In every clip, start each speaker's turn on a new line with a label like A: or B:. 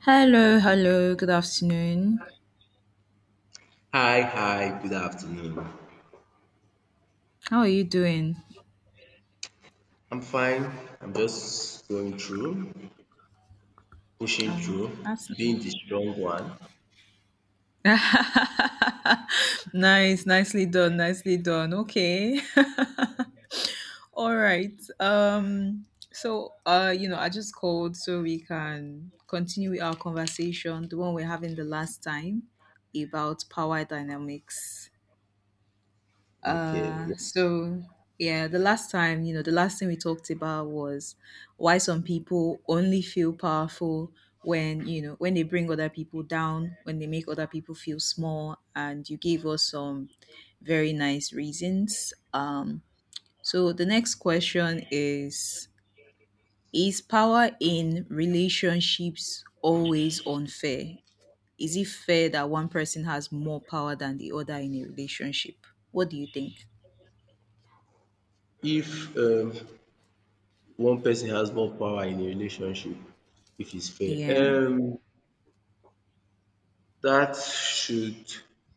A: Hello, hello. Good afternoon.
B: Hi, hi, good afternoon.
A: How are you doing?
B: I'm fine. I'm just going through, pushing through,
A: That's
B: being the strong one.
A: nice. Nice, nicely done, nicely done. Okay. All right. So I just called so we can continue with our conversation, the one we're having the last time about power dynamics.
B: Okay.
A: Uh,
B: Yeah.
A: so yeah, the last time, the last thing we talked about was why some people only feel powerful when they bring other people down, when they make other people feel small, and you gave us some very nice reasons. So the next question is: is power in relationships always unfair? Is it fair that one person has more power than the other in a relationship? What do you think?
B: If one person has more power in a relationship, if it's fair,
A: Yeah.
B: um, that should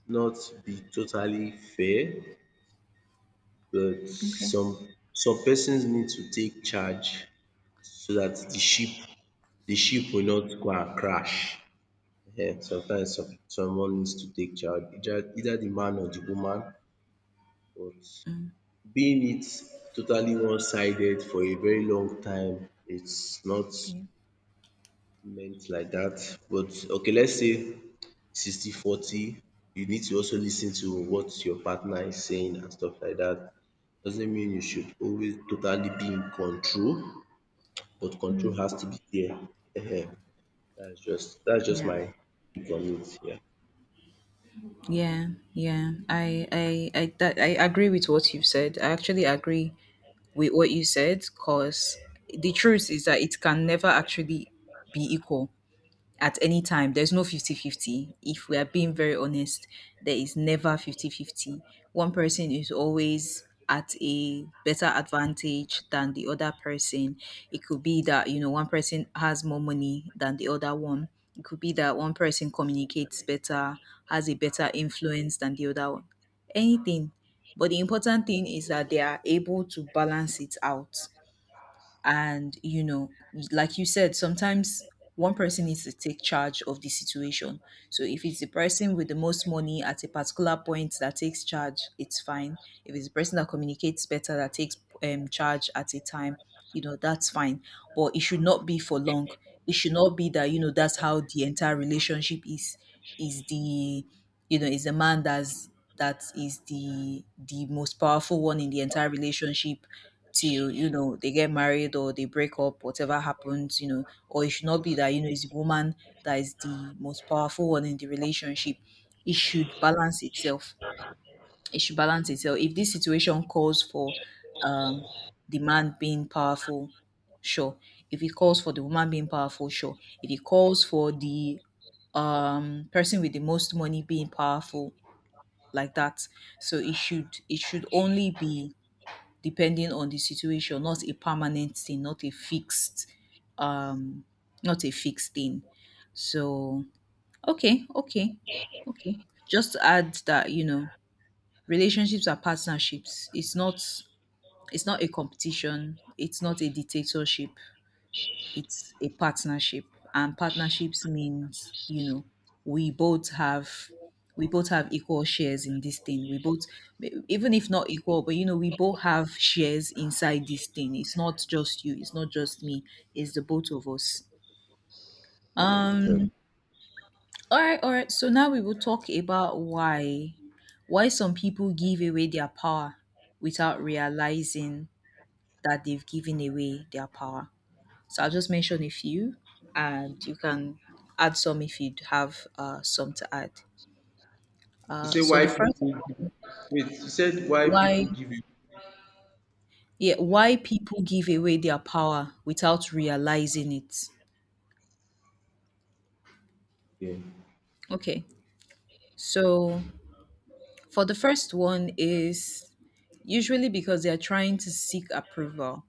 B: not be totally fair, but
A: Okay.
B: some persons need to take charge so that the ship will not go and crash. Yeah, sometimes someone needs to take charge, either the man or the woman, but
A: Mm.
B: being it totally one sided for a very long time, it's not
A: Yeah.
B: meant like that. But okay, let's say 60-40, you need to also listen to what your partner is saying and stuff like that. Doesn't mean you should always totally be in control, but control has to be there. That's just
A: Yeah.
B: my take on it,
A: Yeah. Yeah. I agree with what you've said. I actually agree with what you said, because the truth is that it can never actually be equal. At any time. There's no 50-50. If we are being very honest, there is never 50-50. One person is always at a better advantage than the other person. It could be that, one person has more money than the other one. It could be that one person communicates better, has a better influence than the other one. Anything. But the important thing is that they are able to balance it out, and like you said, sometimes one person needs to take charge of the situation. So if it's the person with the most money at a particular point that takes charge, it's fine. If it's the person that communicates better that takes charge at a time, that's fine. But it should not be for long. It should not be that, that's how the entire relationship is. Is the is the man, that is the most powerful one in the entire relationship, till they get married or they break up, whatever happens. Or it should not be that it's the woman that is the most powerful one in the relationship. It should balance itself. It should balance itself. If this situation calls for um, the man being powerful, sure. If it calls for the woman being powerful, sure. If it calls for the person with the most money being powerful, like that. So it should only be depending on the situation, not a permanent thing, um not a fixed thing. So okay, okay, okay. Just to add that, relationships are partnerships. It's not a competition, it's not a dictatorship, it's a partnership. And partnerships means, we both have we both have equal shares in this thing. We both, even if not equal, but we both have shares inside this thing. It's not just you, it's not just me, it's the both of us
B: yeah.
A: um all right, all right. So now we will talk about why some people give away their power without realizing that they've given away their power. So I'll just mention a few, and you can add some if you have some to add.
B: You
A: Uh,
B: say
A: so
B: why
A: the first
B: people
A: one,
B: you said why
A: why,
B: people give you
A: yeah, why
B: uh-huh.
A: people give away their power without realizing it.
B: Yeah.
A: Okay, so for the first one, is usually because they are trying to seek approval.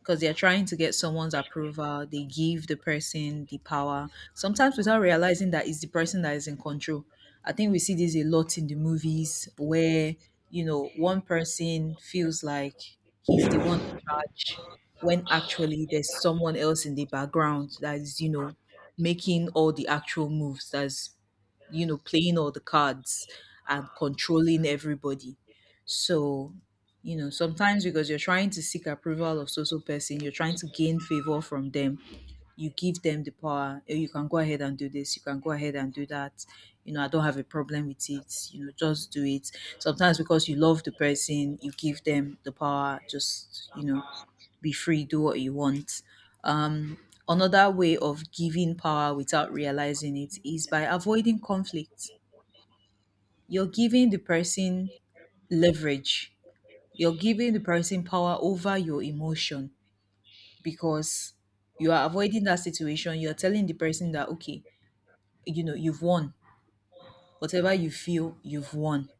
A: Because they're trying to get someone's approval. They give the person the power, sometimes without realizing that it's the person that is in control. I think we see this a lot in the movies where, you know, one person feels like he's the one in charge when actually there's someone else in the background that is, you know, making all the actual moves, that's, you know, playing all the cards and controlling everybody. So, sometimes because you're trying to seek approval of social person, you're trying to gain favor from them. You give them the power. "Oh, you can go ahead and do this. You can go ahead and do that. You know, I don't have a problem with it. You know, just do it." Sometimes because you love the person, you give them the power. Just, be free. Do what you want. Um, Another way of giving power without realizing it is by avoiding conflict. You're giving the person leverage, you're giving the person power over your emotion, because you are avoiding that situation. You're telling the person that, okay, you've won. Whatever you feel, you've won.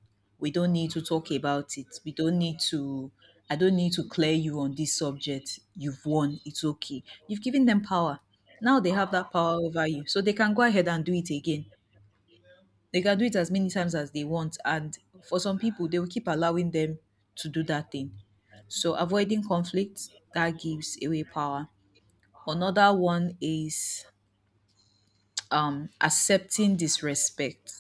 A: We don't need to talk about it. We don't need to, I don't need to clear you on this subject. You've won. It's okay. You've given them power. Now they have that power over you. So they can go ahead and do it again, they can do it as many times as they want. And for some people, they will keep allowing them to do that thing. So avoiding conflict, that gives away power. Another one is accepting disrespect,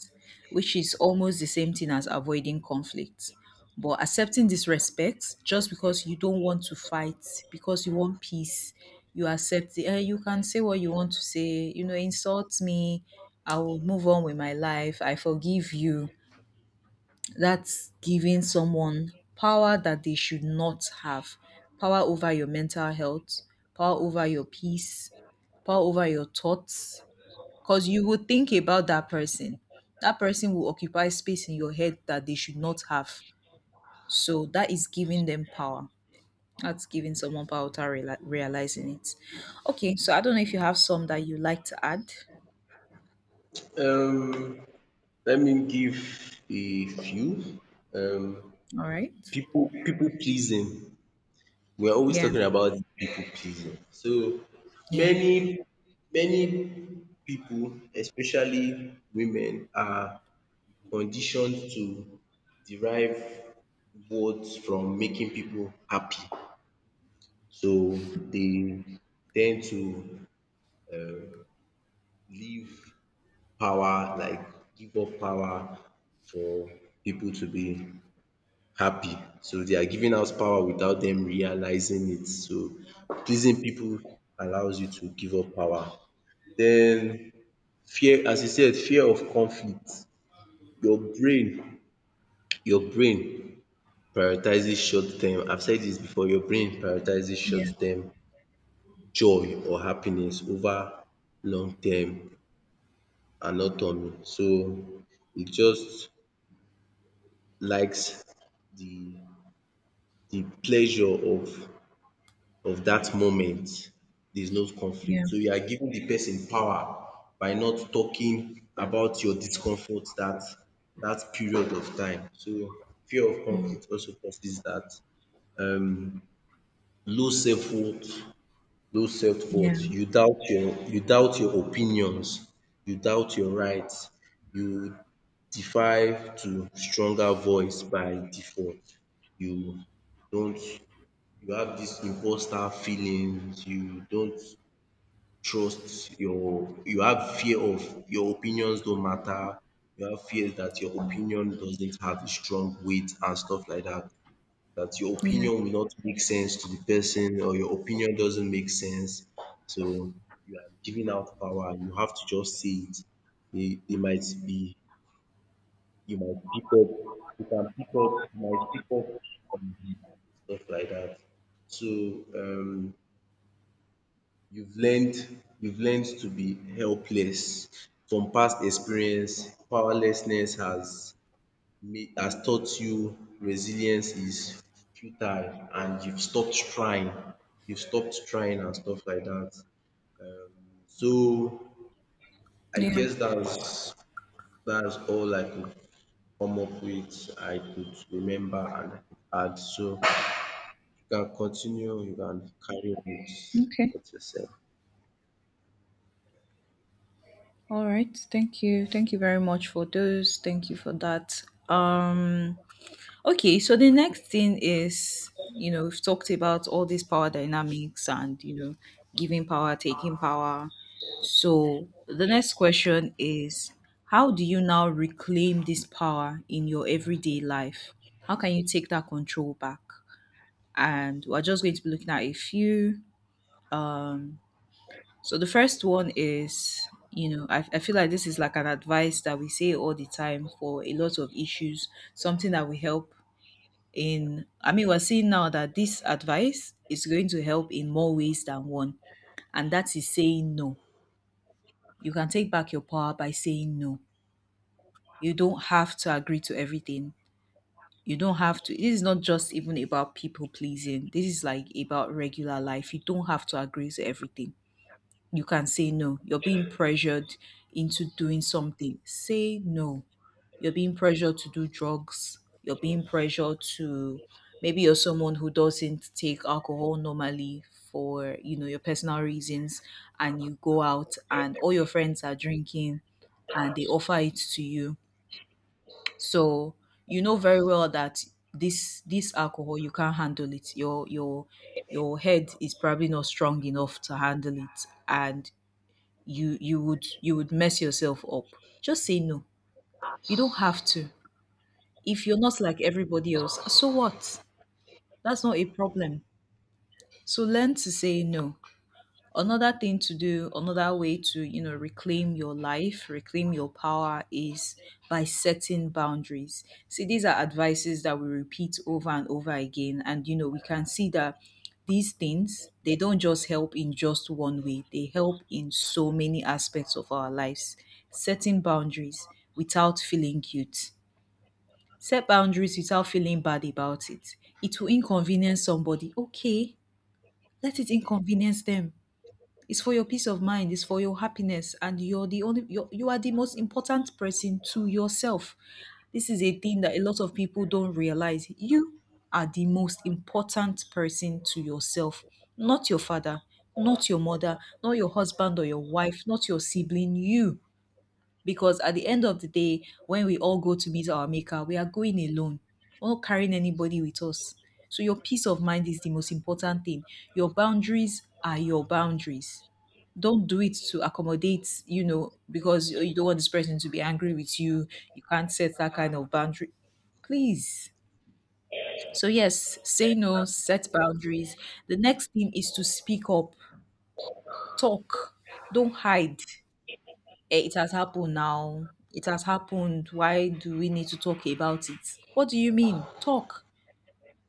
A: which is almost the same thing as avoiding conflict. But accepting disrespect just because you don't want to fight, because you want peace, you accept it. And you can say what you want to say, insult me, I will move on with my life, I forgive you. That's giving someone power that they should not have: power over your mental health, power over your peace, power over your thoughts. Because you will think about that person. That person will occupy space in your head that they should not have. So that is giving them power. That's giving someone power without realizing it. Okay, so I don't know if you have some that you like to add.
B: Um, Let me give a few. Um,
A: All right.
B: people pleasing. We're always
A: Yeah.
B: talking about people pleasing. So
A: Yeah.
B: many, many people, especially women, are conditioned to derive words from making people happy. So they tend to live power like give up power for people to be happy, so they are giving out power without them realizing it. So pleasing people allows you to give up power. Then fear, as you said, fear of conflict. your brain your brain prioritizes short term. I've said this before, your brain prioritizes
A: Yeah.
B: short term joy or happiness over long term autonomy. So it just likes the the pleasure of that moment. There's no
A: Yeah.
B: conflict. So you are giving the person power by not talking about your discomfort that period of time. So fear of
A: Mm.
B: conflict also causes that. Um, low self-worth those self worth.
A: Yeah.
B: You doubt your opinions, you doubt your rights, you defy to stronger voice by default. You don't You have this imposter feelings, you don't trust your you have fear of your opinions don't matter, you have fear that your opinion doesn't have a strong weight and stuff like that, that your
A: Yeah.
B: opinion will not make sense to the person, or your opinion doesn't make sense. So you are giving out power. You have to just say it. They might be you might pick up you might pick up on the stuff like that. So um you've learned you've learned to be helpless from past experience. Powerlessness has taught you resilience is futile and you've stopped trying. You've stopped trying and stuff like that. So I
A: Yeah.
B: guess that's all I could come up with, I could remember and I could add. So you can continue, you can carry on with
A: Okay.
B: what you said.
A: All right. Thank you. Thank you very much for those. Thank you for that. Um okay, so the next thing is, we've talked about all these power dynamics and, giving power, taking power. So the next question is, how do you now reclaim this power in your everyday life? How can you take that control back? And we're just going to be looking at a few. So the first one is, I feel like this is like an advice that we say all the time for a lot of issues, something that will help in, I mean, we're seeing now that this advice is going to help in more ways than one. And that is saying no. You can take back your power by saying no. You don't have to agree to everything. You don't have to. This is not just even about people pleasing. This is like about regular life. You don't have to agree to everything, you can say no. You're being pressured into doing something. Say no. You're being pressured to do drugs. You're being pressured to, maybe you're someone who doesn't take alcohol normally, for, your personal reasons, and you go out and all your friends are drinking and they offer it to you. So you know very well that this alcohol, you can't handle it. Your head is probably not strong enough to handle it, and you would mess yourself up. Just say no. You don't have to. If you're not like everybody else, so what? That's not a problem. So learn to say no. Another thing to do, another way to, reclaim your life, reclaim your power, is by setting boundaries. See, these are advices that we repeat over and over again. And, we can see that these things, they don't just help in just one way, they help in so many aspects of our lives. Setting boundaries without feeling guilt. Set boundaries without feeling bad about it. It will inconvenience somebody. Okay, let it inconvenience them. It's for your peace of mind. It's for your happiness, and you are the most important person to yourself. This is a thing that a lot of people don't realize. You are the most important person to yourself, not your father, not your mother, not your husband or your wife, not your sibling. You. Because at the end of the day, when we all go to meet our maker, we are going alone. We're not carrying anybody with us. So your peace of mind is the most important thing. Your boundaries are your boundaries. Don't do it to accommodate, because you don't want this person to be angry with you. You can't set that kind of boundary. Please. So, yes, say no, set boundaries. The next thing is to speak up, talk, don't hide. Eh, it has happened now. It has happened. Why do we need to talk about it? What do you mean? Talk.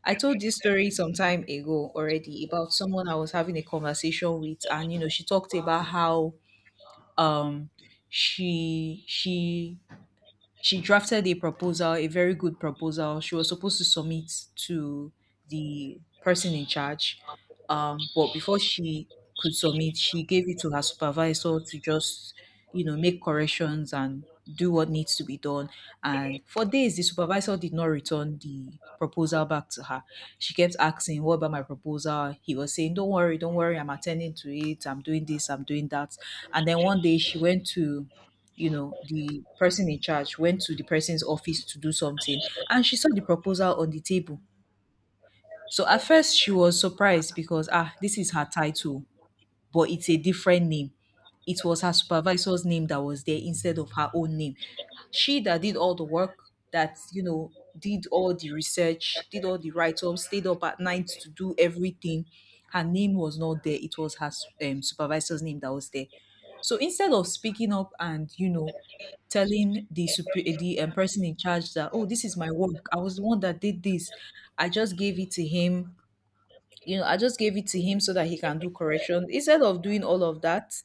A: I told this story some time ago already about someone I was having a conversation with, and she talked about how um she she she drafted a proposal, a very good proposal. She was supposed to submit to the person in charge. But before she could submit, she gave it to her supervisor to just make corrections and do what needs to be done. And for days, the supervisor did not return the proposal back to her. She kept asking, "What about my proposal?" He was saying, "Don't worry, don't worry, I'm attending to it, I'm doing this, I'm doing that." And then one day she went to you know the person in charge went to the person's office to do something, and she saw the proposal on the table. So at first she was surprised because this is her title, but it's a different name. It was her supervisor's name that was there instead of her own name. She that did all the work, that did all the research, did all the write ups, stayed up at night to do everything. Her name was not there. It was her supervisor's name that was there. So instead of speaking up and telling the person in charge that, "Oh, this is my work. I was the one that did this. I just gave it to him. I just gave it to him so that he can do correction." Instead of doing all of that,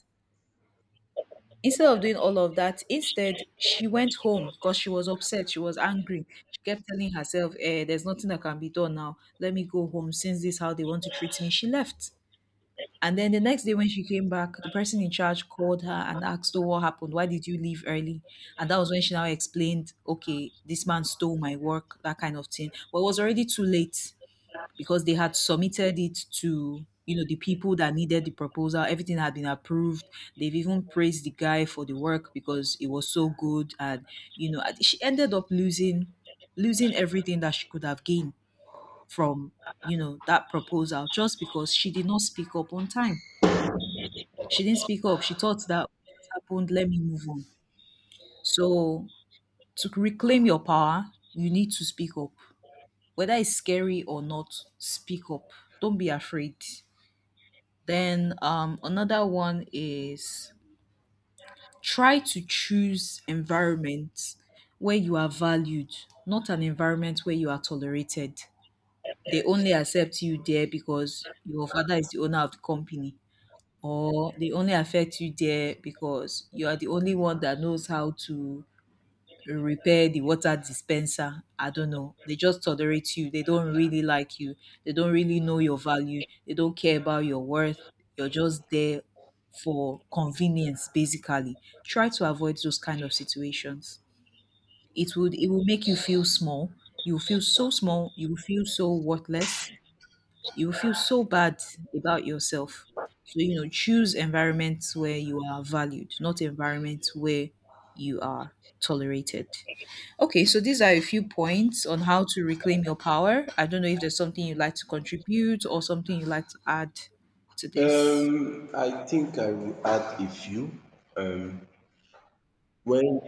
A: instead of doing all of that, instead she went home because she was upset. She was angry. She kept telling herself, "There's nothing that can be done now. Let me go home since this is how they want to treat me." She left. And then the next day when she came back, the person in charge called her and asked her what happened. "Why did you leave early?" And that was when she now explained, "Okay, this man stole my work," that kind of thing. But it was already too late because they had submitted it to the people that needed the proposal. Everything had been approved. They've even praised the guy for the work because it was so good, and you know and she ended up losing everything that she could have gained from that proposal, just because she did not speak up on time. She didn't speak up. She thought that, "It happened, let me move on." So to reclaim your power, you need to speak up. Whether it's scary or not, speak up. Don't be afraid. Then another one is, try to choose environments where you are valued, not an environment where you are tolerated. They only accept you there because your father is the owner of the company, or they only affect you there because you are the only one that knows how to repair the water dispenser. I don't know. They just tolerate you. They don't really like you. They don't really know your value. They don't care about your worth. You're just there for convenience, basically. Try to avoid those kind of situations. It will make you feel small. You feel so small. You will feel so worthless. You will feel so bad about yourself. So, choose environments where you are valued, not environments where you are tolerated. Okay, so these are a few points on how to reclaim your power. I don't know if there's something you'd like to contribute or something you'd like to add to this.
B: I think I will add a few. Um when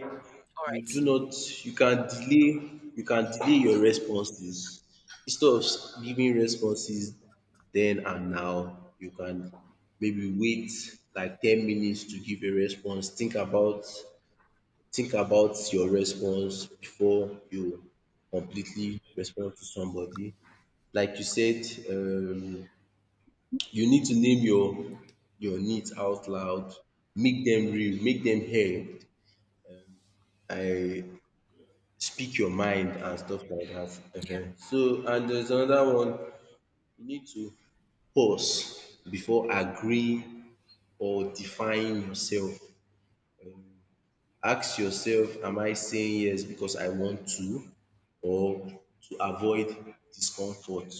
A: All
B: you
A: right.
B: do not you can delay your responses instead of giving responses then and now. You can maybe wait like 10 minutes to give a response. Think about your response before you completely respond to somebody. Like you said, you need to name your needs out loud, make them real, make them heard. I Speak your mind and stuff like that. So, and there's another one, you need to pause before agreeing or defying yourself. Ask yourself, am I saying yes because I want to, or to avoid discomfort?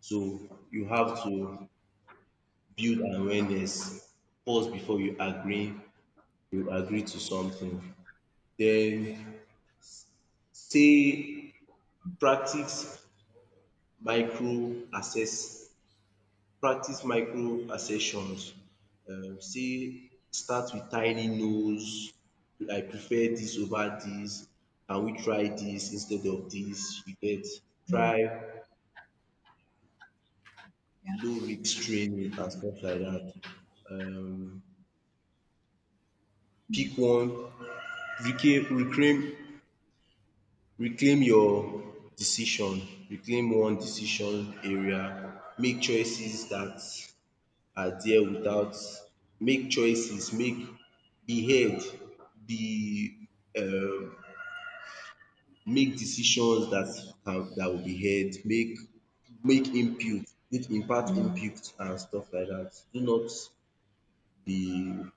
B: So you have to build awareness, pause before you agree to something. Then say practice micro assess practice micro assertions, say start with tiny nos, I prefer this over this. Can we try this instead of this? You get.
A: Mm,
B: Try low risk training and stuff like that. um Pick one, reclaim reclaim reclaim your decision, reclaim one decision area, make choices that. Are there without make be heard be um make decisions that can that will be heard. Make input, make impact
A: mm.
B: input and stuff like that. Do not be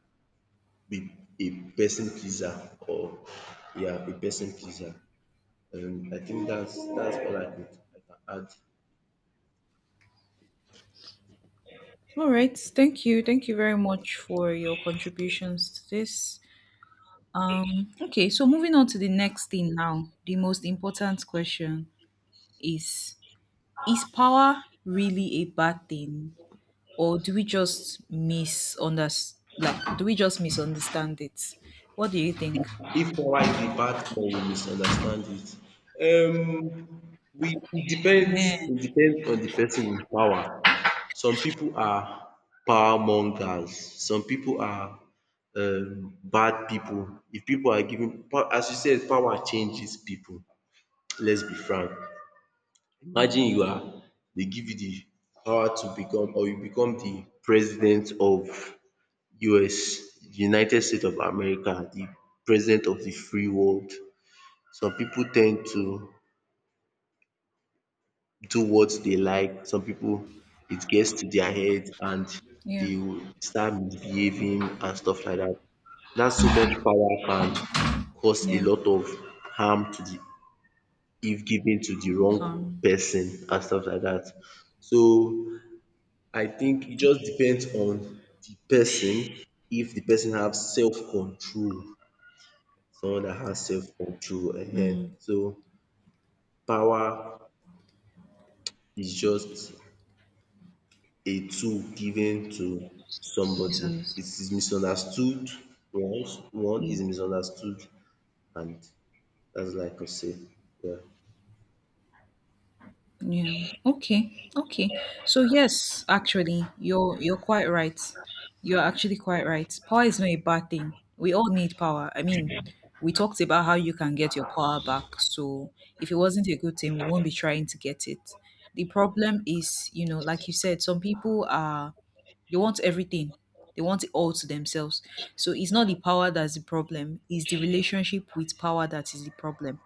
B: be a person pleaser, or yeah, a person pleaser. I think that's all I could, I can add.
A: All right. Thank you. Thank you very much for your contributions to this. Okay, so moving on to the next thing now. The most important question is Is power really a bad thing, or do we just misunderstand? Like, do we just misunderstand it? What do you think?
B: If if power is a bad thing, you misunderstand it. We,
A: Yeah,
B: it depends on the person with power. Some people are power mongers. Some people are bad people. If people are given as you said, power changes people. Let's be frank. Imagine you are, they give you the power to become, or you become the president of US, United States of America, the president of the free world. Some people tend to do what they like, some people, it gets to their head and
A: yeah,
B: they will start misbehaving and stuff like that. That so much power can cause a
A: yeah.
B: lot of harm to the, if given to the wrong
A: Um,
B: person and stuff like that. So I think it just depends on the person, if the person have self control, someone that has self control. So power is just a tool given to somebody. It
A: misunderstand.
B: is misunderstood. One is misunderstood, and that's like I say. Yeah.
A: Yeah. Okay. Okay. So yes, actually, you're quite right. You're actually quite right. Power is not a bad thing. We all need power. I mean, we talked about how you can get your power back. So if it wasn't a good thing, we won't be trying to get it. The problem is, like you said, some people are they want everything. They want it all to themselves. So it's not the power that's the problem, it's the relationship with power that is the problem.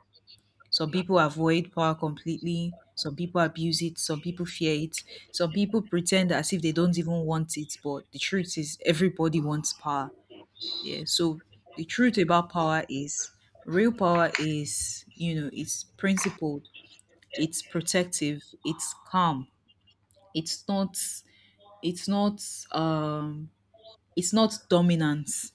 A: Some people avoid power completely. Some people abuse it. Some people fear it. Some people pretend as if they don't even want it. But the truth is, everybody wants power. Yeah. So the truth about power is real power is, it's principled, it's protective, it's calm. It's not, it's not, um, it's not dominance.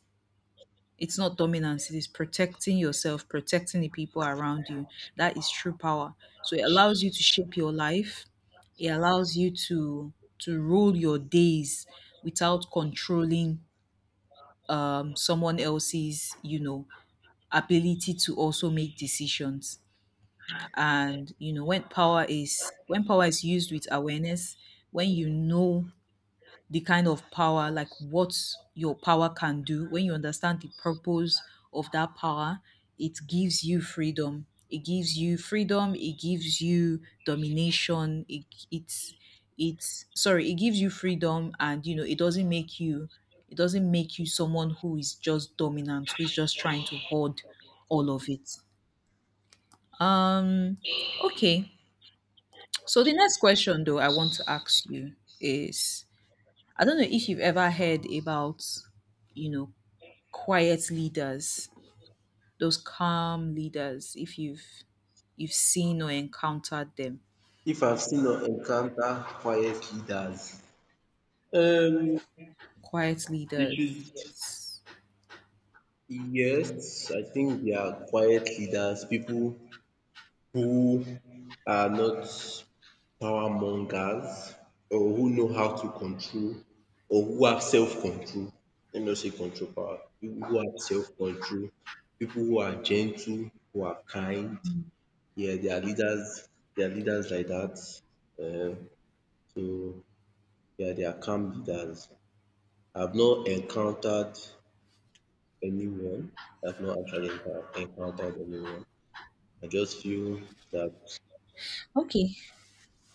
A: It's not dominance, it is protecting yourself, protecting the people around you. That is true power. So it allows you to shape your life. It allows you to rule your days without controlling someone else's ability to also make decisions. And when power is used with awareness, when you know the kind of power, like what your power can do, when you understand the purpose of that power, it gives you freedom. It gives you freedom. It gives you domination. It, it's it's sorry. It gives you freedom, and it doesn't make you it doesn't make you someone who is just dominant, who is just trying to hoard all of it. Um. Okay. So the next question, though, I want to ask you is, I don't know if you've ever heard about, you know, quiet leaders, those calm leaders, if you've seen or encountered them.
B: If I've seen or encounter quiet leaders, um,
A: Quiet
B: they
A: leaders,
B: should
A: yes.
B: yes, I think they are quiet leaders, people who are not power mongers, or who know how to control, or who have self control. Let me not say control power. People who have self control, people who are gentle, who are kind. Yeah, they are leaders. They are leaders like that. Um so yeah, they are calm leaders. I've not encountered anyone. I've not actually encountered anyone. I just feel that
A: Okay.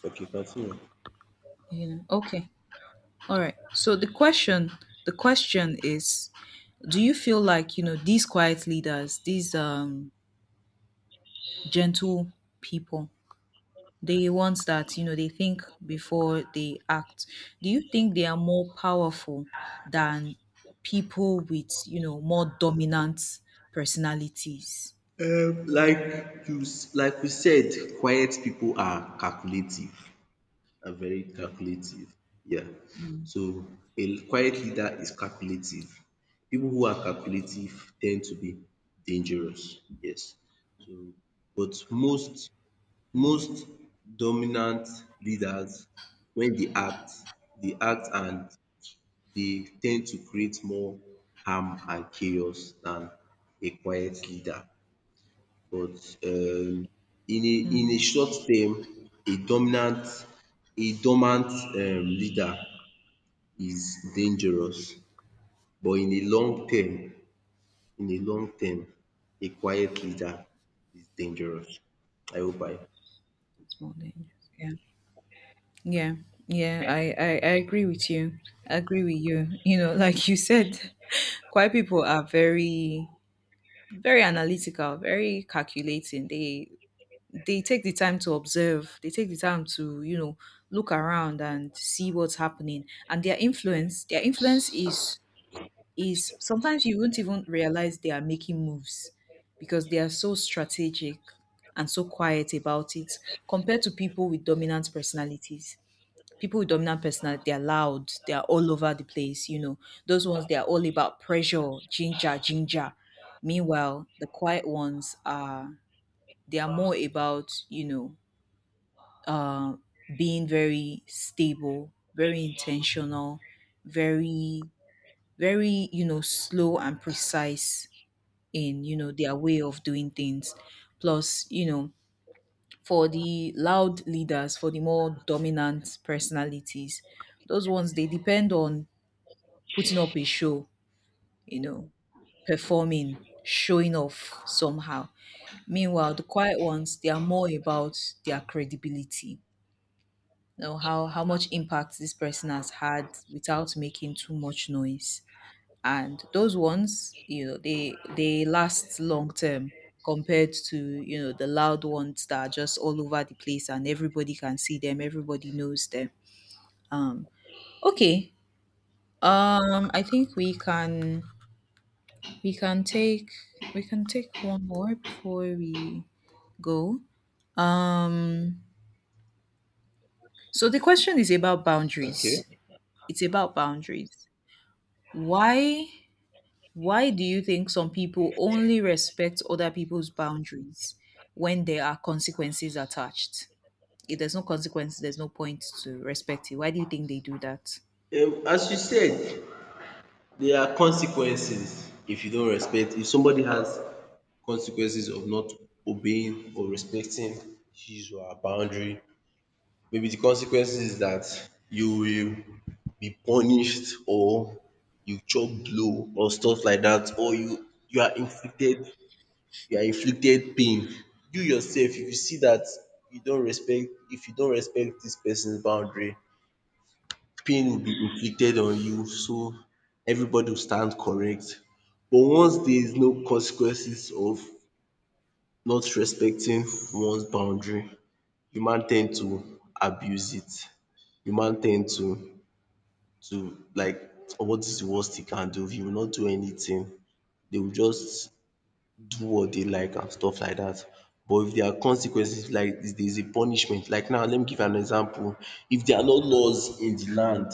B: okay, continue.
A: Okay. All right. So the question is, do you feel like these quiet leaders, these gentle people, the ones that they think before they act. Do you think they are more powerful than people with more dominant personalities?
B: Like we said, quiet people are calculative, are very calculative. Yeah. So a quiet leader is calculative. People who are calculative tend to be dangerous. Yes. So but most dominant leaders, when they act and they tend to create more harm and chaos than a quiet leader. But in a short term, a dominant, a dormant leader is dangerous. But in a long term, in a long term, a quiet leader is dangerous. I hope I
A: It's more dangerous. Yeah, yeah, yeah. I agree with you. Like you said, quite people are very, very analytical, very calculating. They take the time to observe. They take the time to look around and see what's happening, and their influence is sometimes, you won't even realize they are making moves because they are so strategic and so quiet about it, compared to people with dominant personalities. People with dominant personality, they're loud, they're all over the place, you know. Those ones, they're all about pressure, ginger ginger. Meanwhile, the quiet ones are they are more about, uh, being very stable, very intentional, very, very, slow and precise in their way of doing things. Plus, for the loud leaders, for the more dominant personalities, those ones, they depend on putting up a show, you know, performing, showing off somehow. Meanwhile, the quiet ones, they are more about their credibility, know how much impact this person has had without making too much noise, and those ones, they last long term, compared to the loud ones that are just all over the place, and everybody can see them, everybody knows them. Um okay um i think we can we can take we can take one more before we go. Um so the question is about
B: Okay.
A: boundaries, it's about boundaries. Why why do you think some people only respect other people's boundaries when there are consequences attached? If there's no consequence, there's no point to respect it. Why do you think they do that?
B: As you said, there are consequences if you don't respect, if somebody has consequences of not obeying or respecting his or her boundary. Maybe the consequences is that you will be punished, or you chop blow or stuff like that, or you are inflicted, you are inflicted pain. You yourself, if you see that you don't respect if you don't respect this person's boundary, pain will be inflicted on you, so everybody will stand correct. But once there is no consequences of not respecting one's boundary, human tend to abuse it. Human tend to like, what is the worst he can do, he will not do anything. They will just do what they like and stuff like that. But if there are consequences, like if there is a punishment, like now let me give an example. If there are no laws in the land,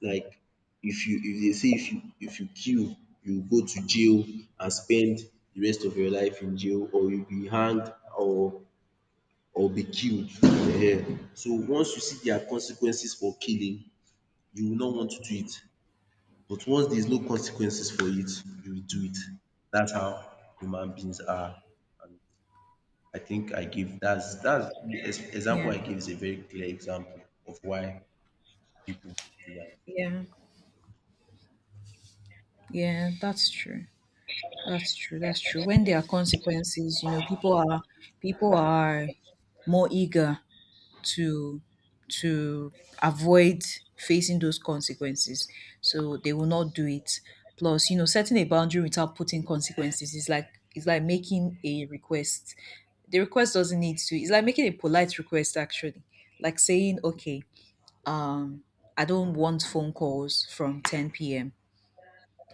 B: like if you, if they say if you, if you kill, you go to jail and spend the rest of your life in jail, or you be hanged or be killed. So once you see there are consequences for killing, you will not want to do it. But once there is no consequences for it, you will do it. That's how human beings are. And I think I give, that's the example
A: Yeah.
B: I give, is a very clear example of why people do that.
A: Yeah. Yeah, that's true. That's true. That's true. When there are consequences, people are more eager to to avoid facing those consequences. So they will not do it. Plus, setting a boundary without putting consequences is like making a request. The request doesn't need to. It's like making a polite request actually. Like saying, okay, um, "I don't want phone calls from 10 p.m."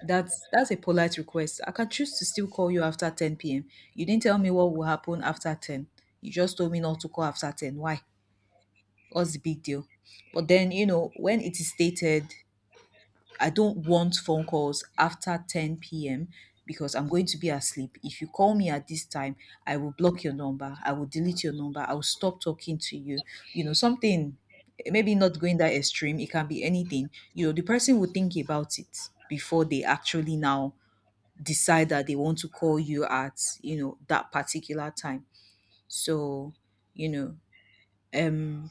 A: That's a polite request. I can choose to still call you after 10 p.m. You didn't tell me what will happen after 10. You just told me not to call after 10. Why? What's the big deal? But then, when it is stated, "I don't want phone calls after 10 p.m. because I'm going to be asleep. If you call me at this time, I will block your number. I will delete your number. I will stop talking to you." Something maybe not going that extreme. It can be anything. The person will think about it before they actually now decide that they want to call you at that particular time. So, you know,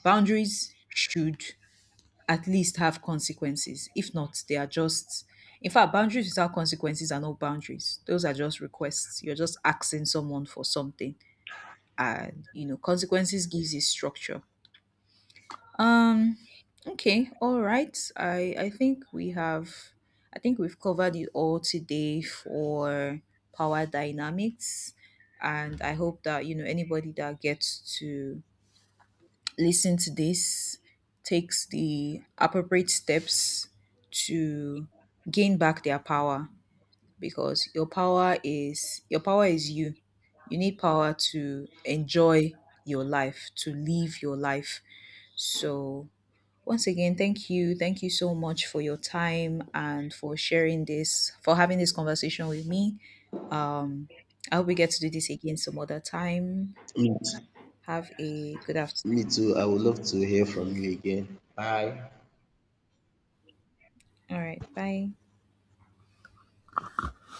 A: boundaries should at least have consequences. If not, they are just — in fact, boundaries without consequences are not boundaries. Those are just requests. You're just asking someone for something, and consequences gives it structure. Um, okay, all right. I think we have, I think we've covered it all today for power dynamics, and I hope that anybody that gets to listen to this takes the appropriate steps to gain back their power, because your power is you. You need power to enjoy your life, to live your life. So once again, thank you. Thank you so much for your time and for sharing this, for having this conversation with me. Um, I hope we get to do this again some other time.
B: Me too.
A: Have a good
B: Me
A: afternoon.
B: too. I would love to hear from you again. Bye.
A: All right. Bye.